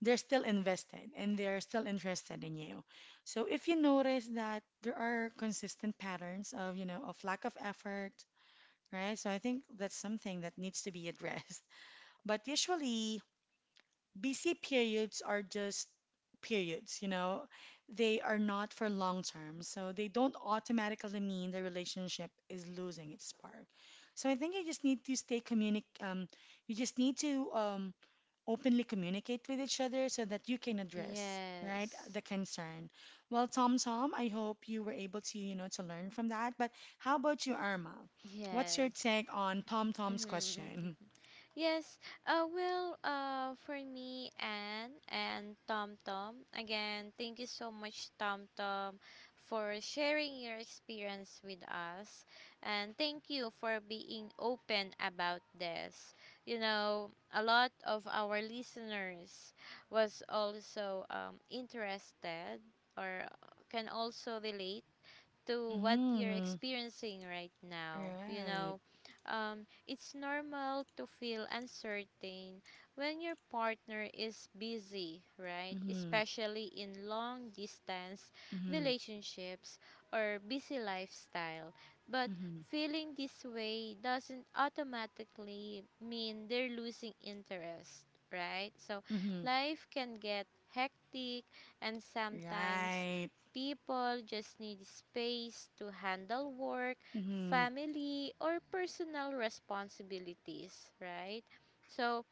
S1: they're still invested and they're still interested in you. So if you notice that there are consistent patterns of, of lack of effort, right? So I think that's something that needs to be addressed. <laughs> But usually, busy periods are just periods, they are not for long term. So they don't automatically mean the relationship is losing its spark. So I think you just need to openly communicate with each other so that you can address, right,
S2: yes,
S1: the concern. Well, Tom Tom, I hope you were able to, to learn from that. But how about you, Irma? What's your
S2: yes.
S1: take on Tom Tom's
S2: Mm-hmm.
S1: question?
S2: Mm-hmm. Yes, for me, Anne and Tom Tom, again, thank you so much, Tom Tom, for sharing your experience with us. And thank you for being open about this. You know, a lot of our listeners was also interested or can also relate to what you're
S1: Mm-hmm.
S2: experiencing right now. You
S1: Right.
S2: know, it's normal to feel uncertain when your partner is busy, right?
S1: Mm-hmm.
S2: Especially in long distance
S1: Mm-hmm.
S2: relationships or busy lifestyle. But
S1: Mm-hmm.
S2: feeling this way doesn't automatically mean they're losing interest, right? So
S1: Mm-hmm.
S2: life can get hectic, and sometimes
S1: Right.
S2: people just need space to handle work,
S1: Mm-hmm.
S2: family, or personal responsibilities, right? So,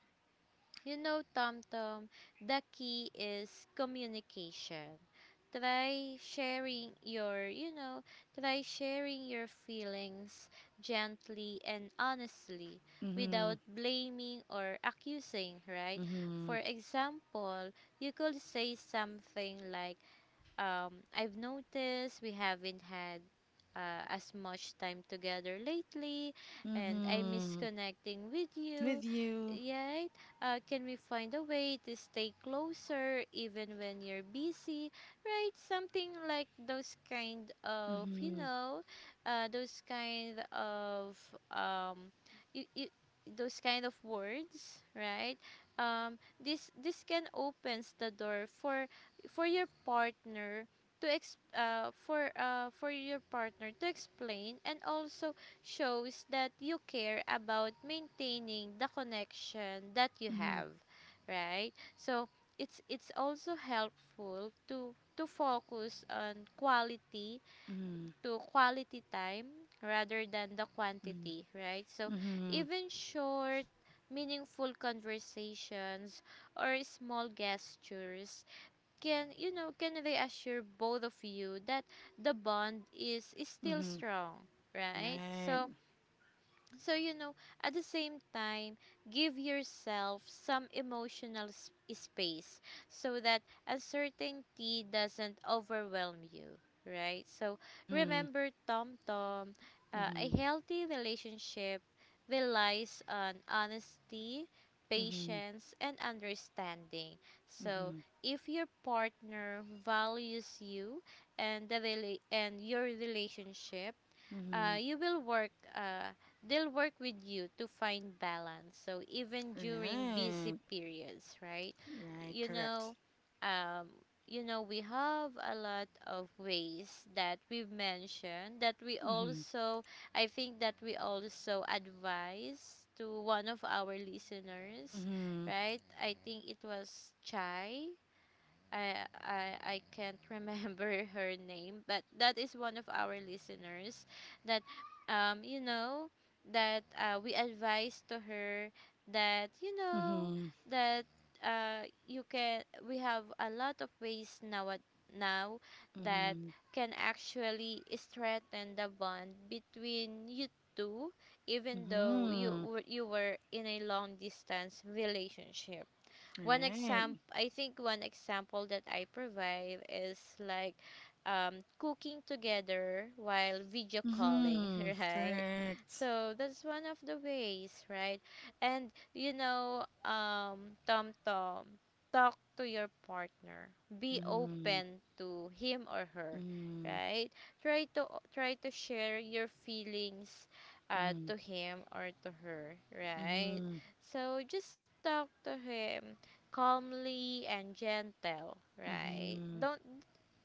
S2: you know, Tom Tom, the key is communication. Try sharing your, you know, try sharing your feelings gently and honestly
S1: Mm-hmm.
S2: without blaming or accusing, right?
S1: Mm-hmm.
S2: For example, you could say something like, I've noticed we haven't had as much time together lately, and I miss
S1: Mm-hmm.
S2: connecting with
S1: With
S2: you.
S1: you.
S2: Yet, can we find a way to stay closer even when you're busy? Right? Something like those kind of, you
S1: Mm-hmm.
S2: know, those kind of, um, you, you, those kind of words, right? Um, this, this can opens the door for your partner to for your partner to explain, and also shows that you care about maintaining the connection that you
S1: Mm-hmm.
S2: have, right? So it's also helpful to focus on quality,
S1: Mm-hmm.
S2: to quality time rather than the
S1: Mm-hmm.
S2: quantity, right? So
S1: Mm-hmm.
S2: even short meaningful conversations or small gestures can, you know, can reassure both of you that the bond is still
S1: Mm-hmm.
S2: strong, right?
S1: Right.
S2: So, so, you know, at the same time, give yourself some emotional space so that uncertainty doesn't overwhelm you, right? So,
S1: Mm-hmm.
S2: remember, Tom Tom, a
S1: Mm-hmm.
S2: healthy relationship relies on honesty,
S1: Mm-hmm.
S2: patience, and understanding. So,
S1: Mm-hmm.
S2: if your partner values you and your relationship,
S1: Mm-hmm.
S2: you will work they'll work with you to find balance, so even during busy
S1: Right.
S2: periods, right?
S1: Right.
S2: You
S1: Correct.
S2: know, um, you know, we have a lot of ways that we've mentioned that we
S1: Mm-hmm.
S2: also, I think that we also advise to one of our listeners,
S1: Mm-hmm.
S2: right? I think it was Chai. I I can't remember <laughs> her name, but that is one of our listeners that, um you know that we advised to her, that you know,
S1: Mm-hmm.
S2: that you can, we have a lot of ways now, now, that
S1: Mm-hmm.
S2: can actually strengthen the bond between you two, even though
S1: Mm-hmm.
S2: you were in a long distance relationship. One
S1: Right.
S2: example, I think one example that I provide is like, cooking together while video calling,
S1: Mm-hmm.
S2: <laughs> right?
S1: Correct.
S2: So that's one of the ways, right? And you know, Tom Tom, talk to your partner. Be
S1: Mm-hmm.
S2: open to him or her,
S1: Mm-hmm.
S2: right? Try to, try to share your feelings,
S1: Mm-hmm.
S2: to him or to her, right?
S1: Mm-hmm.
S2: So just talk to him calmly and gentle, right?
S1: Mm-hmm.
S2: Don't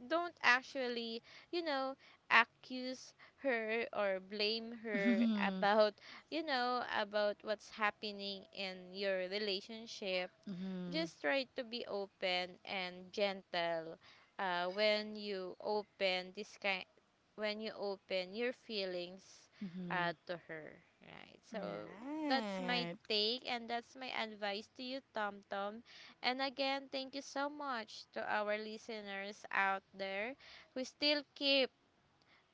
S2: don't actually, you know, accuse her or blame her, <laughs>
S1: Mm-hmm.
S2: about, you know, about what's happening in your relationship.
S1: Mm-hmm.
S2: Just try to be open and gentle when you open this kind, when you open your feelings to her, right?
S1: Mm-hmm.
S2: So that's my
S1: Right.
S2: take, and that's my advice to you, Tom Tom. And again, thank you so much to our listeners out there who still keep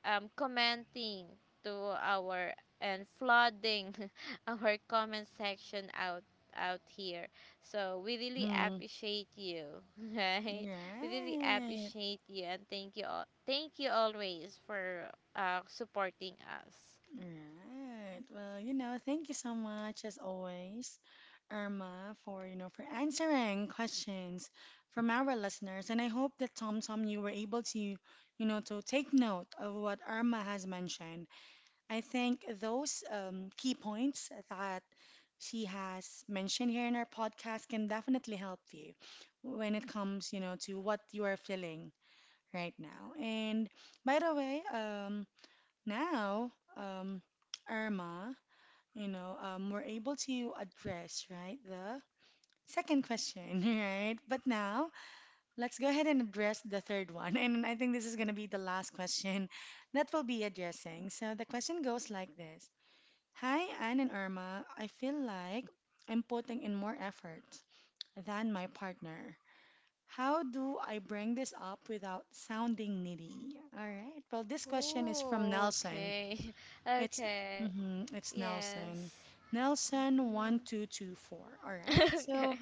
S2: commenting to our, and flooding <laughs> our comment section out, out here. So we really
S1: Mm-hmm.
S2: appreciate you, <laughs> right? We really
S1: Right.
S2: appreciate you, and thank you all. Thank you always for supporting us.
S1: Right. Well, thank you so much as always, Irma, for, for answering questions from our listeners. And I hope that Tom Tom, you were able to, to take note of what Irma has mentioned. I think those key points that she has mentioned here in our podcast can definitely help you when it comes, to what you are feeling right now. And by the way, now, Irma, we're able to address, right, the second question, <laughs> right? But now, let's go ahead and address the third one. <laughs> And I think this is going to be the last question that we'll be addressing. So the question goes like this. Hi, Anne and Irma. I feel like I'm putting in more effort than my partner. How do I bring this up without sounding needy? All right. Well, this question is from
S2: Ooh,
S1: Nelson.
S2: okay, <laughs>
S1: It's
S2: okay,
S1: mhm, it's
S2: yes.
S1: Nelson. Nelson one
S2: Hmm.
S1: two two four. All
S2: <laughs>
S1: right.
S2: Okay.
S1: So,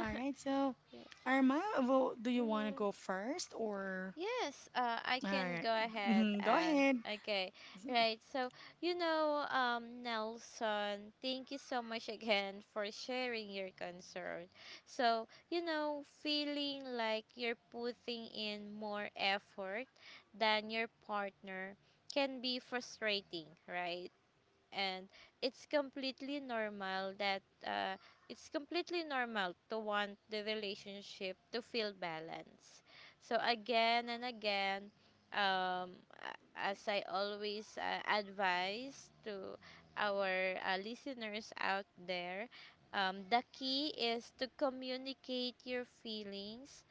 S1: all right. So
S2: <laughs> Yeah.
S1: Arma, well, do you want to
S2: Mhm.
S1: go first? Or,
S2: Yes, I
S1: all
S2: can
S1: right?
S2: go ahead
S1: Mm-hmm, go
S2: and
S1: ahead.
S2: okay,
S1: So,
S2: right. So, you know, Nelson, thank you so much again for sharing your concern. So, you know, feeling like you're putting in more effort than your partner can be frustrating, right? And it's completely normal that it's completely normal to want the relationship to feel balanced. So again and again, um, as I always advise to our listeners out there, the key is to communicate your feelings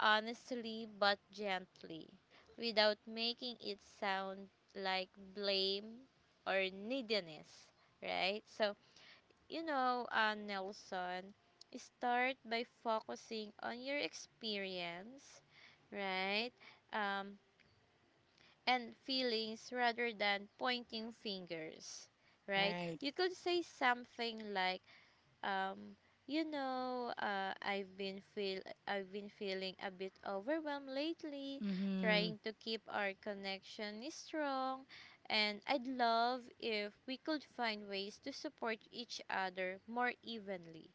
S2: honestly but gently without making it sound like blame or neediness, right? So, you know, Nelson, start by focusing on your experience, right? Um, and feelings rather than pointing fingers, right?
S1: right.
S2: You could say something like, um you know, I've been feeling a bit overwhelmed lately trying
S1: Mhm.
S2: to keep our connection strong, and I'd love if we could find ways to support each other more evenly,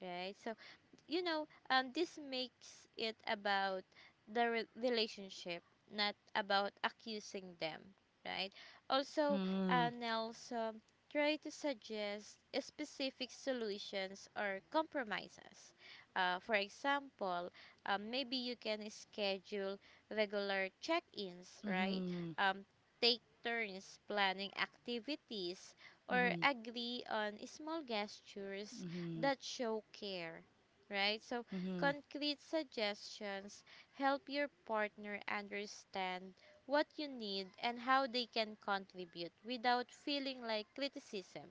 S2: right? So you know, this makes it about relationship, not about accusing them, right? Also,
S1: Mhm.
S2: Nelson, try to suggest specific solutions or compromises. For example, maybe you can schedule regular check-ins, right?
S1: Mhm.
S2: Um, take turns planning activities or
S1: Mhm.
S2: agree on small gestures that show care, right? So,
S1: Mhm. Mhm.
S2: concrete suggestions help your partner understand what you need and how they can contribute without feeling like criticism,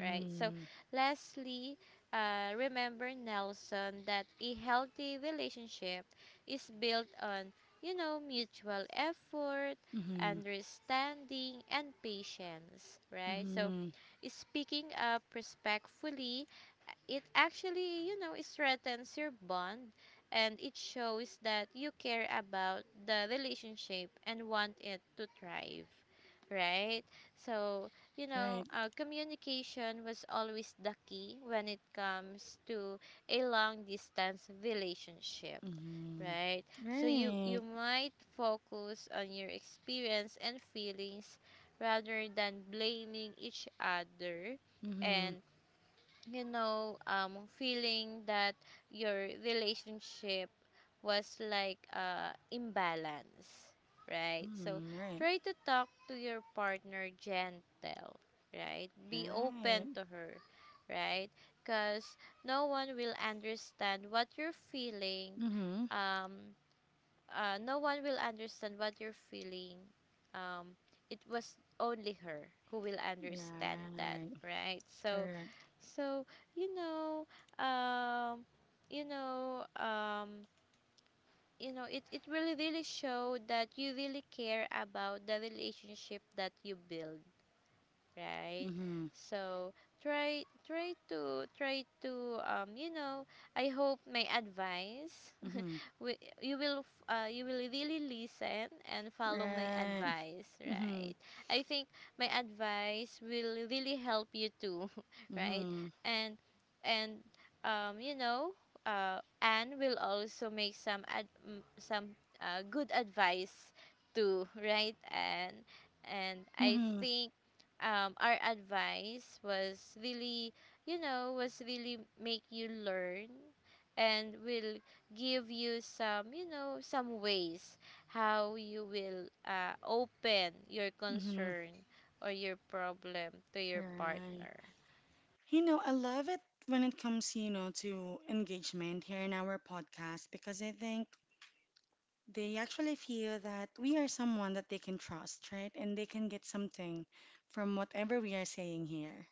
S2: right? So, lastly, remember, Nelson, that a healthy relationship is built on, you know, mutual effort, understanding, and patience,
S1: Mhm.
S2: right? So,
S1: Mhm.
S2: speaking up respectfully, it actually, it strengthens your bond and it shows that you care about the relationship and want it to thrive, right? So,
S1: Right.
S2: communication was always the key when it comes to a long distance relationship,
S1: Mhm.
S2: right? So you
S1: Right.
S2: might focus on your experience and feelings rather than blaming each other, and
S1: Mhm.
S2: feeling that your relationship was like imbalance, right? So
S1: Mhm. Right.
S2: try to talk to your partner gentle, right? Be open
S1: Right.
S2: to her, right? Because no one will understand what you're feeling.
S1: Mhm.
S2: Um, no one will understand what you're feeling. Um, it was only her who will understand that,
S1: Right.
S2: right? So
S1: Correct.
S2: so you know, um, you know, um, it really really showed that you really care about the relationship that you build, right?
S1: Mm-hmm.
S2: So try to, I hope my advice
S1: Mm-hmm.
S2: you will you will really listen and follow my
S1: Right.
S2: advice,
S1: Mm-hmm.
S2: right? I think my advice will really help you too <laughs> right.
S1: Mm-hmm.
S2: and and um you know Anne will also make some good advice too <laughs> right. And I
S1: Mm-hmm.
S2: think our advice was really, you know, was really make you learn and will give you some, you know, some ways how you will open your
S1: Mm-hmm.
S2: concern or your problem to your
S1: Right.
S2: partner.
S1: You know, I love it when it comes, to engagement here in our podcast because I think they actually feel that we are someone that they can trust, right? And they can get something from whatever we are saying here.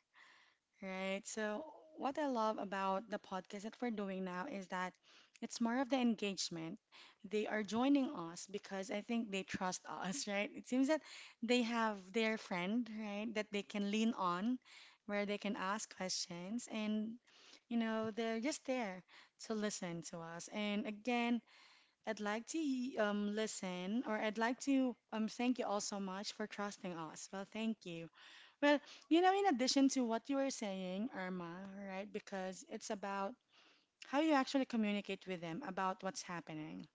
S1: Right. So, what I love about the podcast that we're doing now is that it's more of the engagement. They are joining us because I think they trust us, <laughs> right? It seems that they have their friend, right, that they can lean on, where they can ask questions, and they're just there to listen to us. And again, I'd like to I'd like to thank you all so much for trusting us. Well, thank you. Well, in addition to what you were saying, Irma, right? Because it's about how you actually communicate with them about what's happening,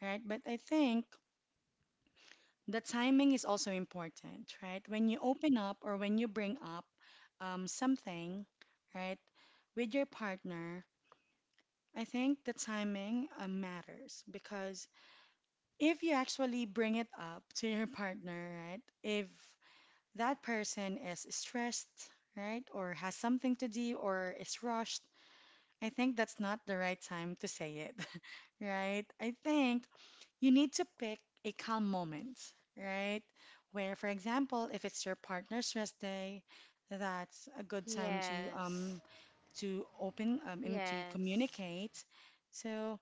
S1: right? But I think the timing is also important, right? When you open up or when you bring up something, right, with your partner, I think the timing matters because if you actually bring it up to your <laughs> partner, right, if that person is stressed, right? Or has something to do or is rushed, I think that's not the right time to say it, <laughs> right? I think you need to pick a calm moment, right? Where, for example, if it's your partner's rest day, that's a good time
S2: Yes.
S1: to open, and to
S2: Yes.
S1: communicate. So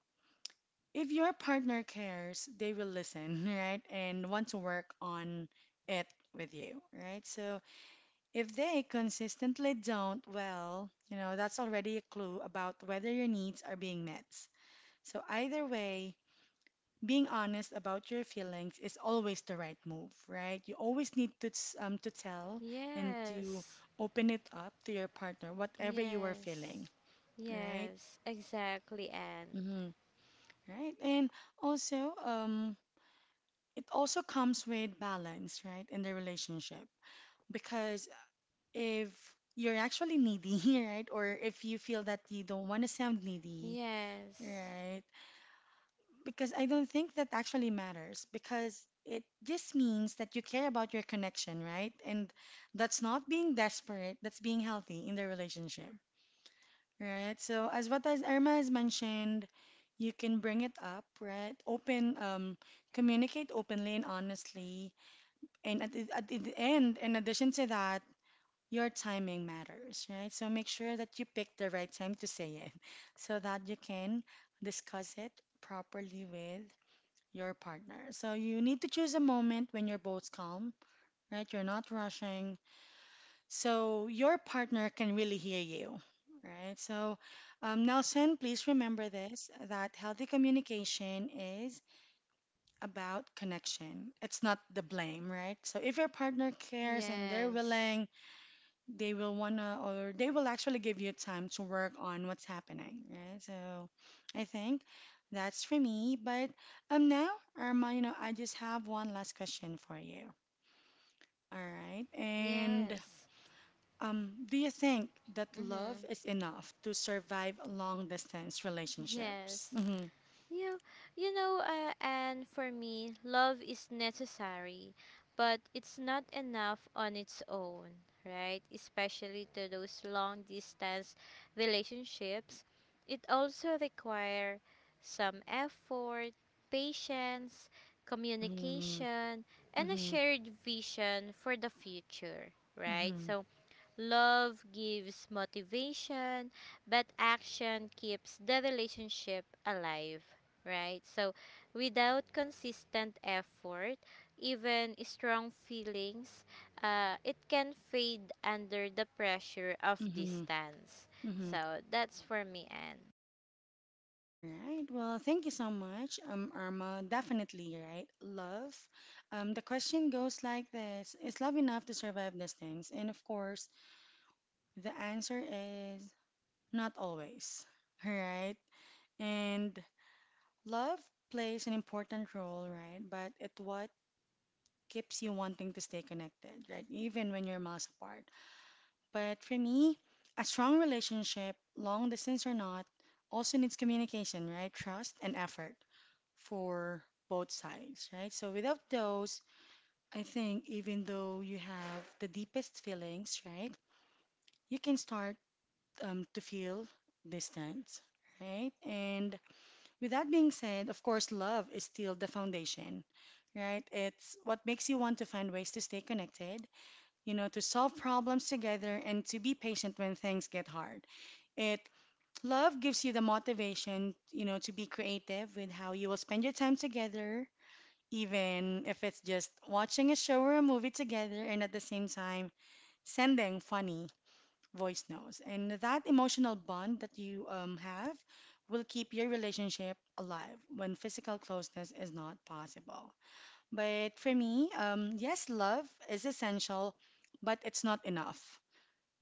S1: if your partner cares, they will listen, <laughs> right? And want to work on it with you, right? So if they consistently don't, well, that's already a clue about whether your needs are being met. So, either way, being honest about your feelings is always the right move, right? You always need to to tell and to
S2: Yes.
S1: open it up to your partner, whatever you are
S2: Yes.
S1: feeling, right?
S2: Yes. Exactly, Anne.
S1: Mm-hmm. Right, and also, it also comes with balance, right, in the relationship because if you're actually needy, <laughs> right? Or if you feel that you don't want to sound needy,
S2: Yes.
S1: right? Because I don't think that actually matters because it just means that you care about your connection, right? And that's not being desperate, that's being healthy in the relationship, right? So, as Irma has mentioned, you can bring it up, right? Open, communicate openly and honestly. And at the end, in addition to that, your timing matters, right? So make sure that you pick the right time to say it <laughs> so that you can discuss it properly with your partner. So you need to choose a moment when you're both calm, right? You're not rushing. So your partner can really hear you, right? So, Nelson, please remember this, that healthy communication is about connection. It's not the blame, right? So if your partner cares and they're
S2: Yes.
S1: willing, they will actually give you time to work on what's happening, right? So I think that's for me. But now, Irma, I just have one last question for you. All right. And
S2: Yes.
S1: do you think that love
S2: Mhm.
S1: is enough to survive long distance relationships?
S2: Yes.
S1: Mm-hmm.
S2: Yeah, and for me, love is necessary, but it's not enough on its own, right? Especially to those long distance relationships. It also requires some effort, patience,
S1: Mm-hmm.
S2: communication, and a
S1: Mm-hmm.
S2: shared vision for the future, right?
S1: Mm-hmm.
S2: So love gives motivation, but action keeps the relationship alive, right? So, without consistent effort, even strong feelings, it can fade under the pressure of
S1: Mm-hmm.
S2: distance.
S1: Mm-hmm.
S2: So, that's for me, Anne.
S1: All right. Well, thank you so much, Irma. Definitely, right? Love. The question goes like this: Is love enough to survive these things? And of course, the answer is not always. <laughs> All right. And love plays an important role, right? But it what keeps you wanting to stay connected, right? Even when you're miles apart. But for me, a strong relationship, long distance or not, also needs communication, right? Trust and effort for both sides, right? So without those, I think even though you have the deepest feelings, right, you can start to feel distance, right? And with that being said, of course, love is still the foundation, right? It's what makes you want to find ways to stay connected, to solve problems together and to be patient when things get hard. It Love gives you the motivation, to be creative with how you will spend your time together, even if it's just watching a show or a movie together, and at the same time sending funny voice notes. And that emotional bond that you have will keep your relationship alive when physical closeness is not possible. But for me, yes, love is essential, but it's not enough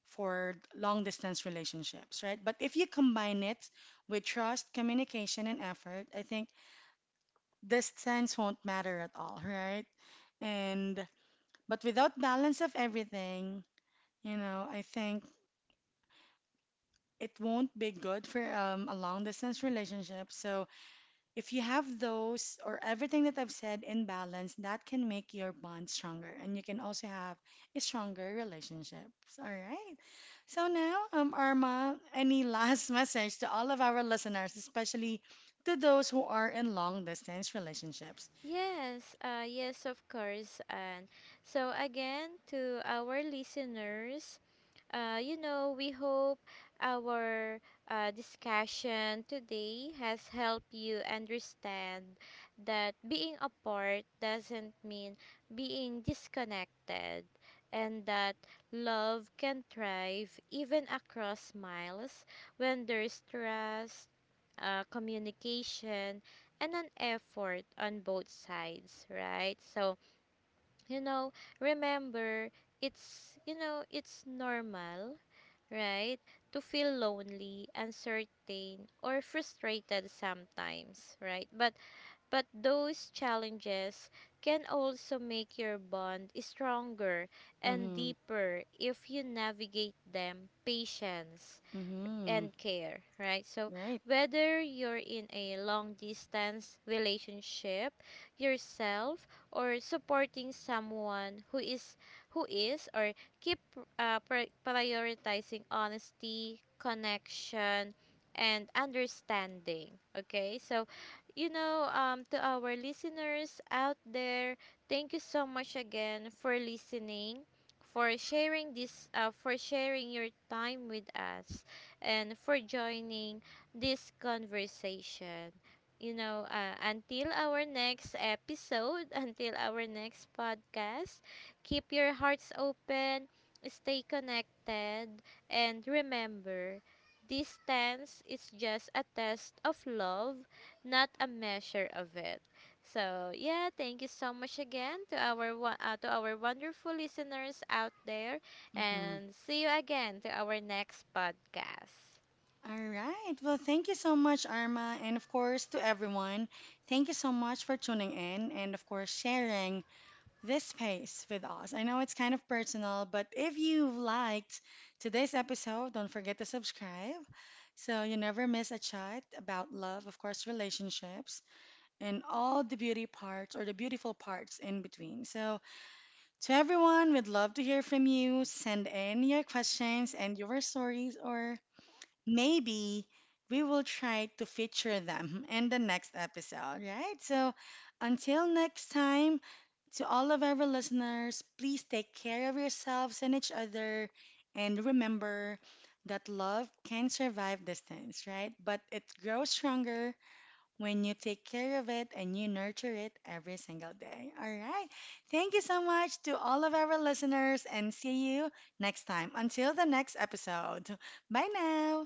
S1: for long distance relationships, right? But if you combine it with trust, communication, and effort, I think distance won't matter at all, right? And, but without balance of everything, I think it won't be good for a long distance relationship. So if you have those, or everything that I've said, in balance, that can make your bond stronger and you can also have a stronger relationship. All right. So now, Arma, any last <laughs> message to all of our listeners, especially to those who are in long distance relationships?
S2: Yes, yes, of course. And so, again, to our listeners, we hope our discussion today has helped you understand that being apart doesn't mean being disconnected, and that love can thrive even across miles when there's trust, communication, and an effort on both sides, right? So, you know, remember it's normal, right? To feel lonely, uncertain, or frustrated sometimes, right? But those challenges can also make your bond stronger and
S1: Mm-hmm.
S2: deeper if you navigate them patience
S1: Mm-hmm.
S2: and care, right? So,
S1: Right.
S2: whether you're in a long distance relationship yourself or supporting someone who is, or keep prioritizing honesty, connection, and understanding. Okay? So, to our listeners out there, thank you so much again for listening, for sharing this for sharing your time with us and for joining this conversation. You know, until our next episode, <laughs> until our next podcast, keep your hearts open, stay connected, and remember distance is just a test of love, not a measure of it. So yeah, thank you so much again to our to our wonderful listeners out there
S1: Mm-hmm.
S2: and see you again to our next podcast.
S1: All right. Well, thank you so much, Arma. And of course, to everyone, thank you so much for tuning in and, of course, sharing this space with us. I know it's kind of personal, but if you've liked today's episode, don't forget to subscribe so you never miss a chat about love, of course, relationships, and all the beauty parts or the beautiful parts in between. So, to everyone, we'd love to hear from you. Send in your questions and your stories, or maybe we will try to feature them <laughs> in the next episode, right? So until next time, to all of our listeners, please take care of yourselves and each other. And remember that love can survive distance, right? But it grows stronger when you take care of it and you nurture it every single day. All right. Thank you so much to all of our listeners and see you next time. Until the next episode. Bye now.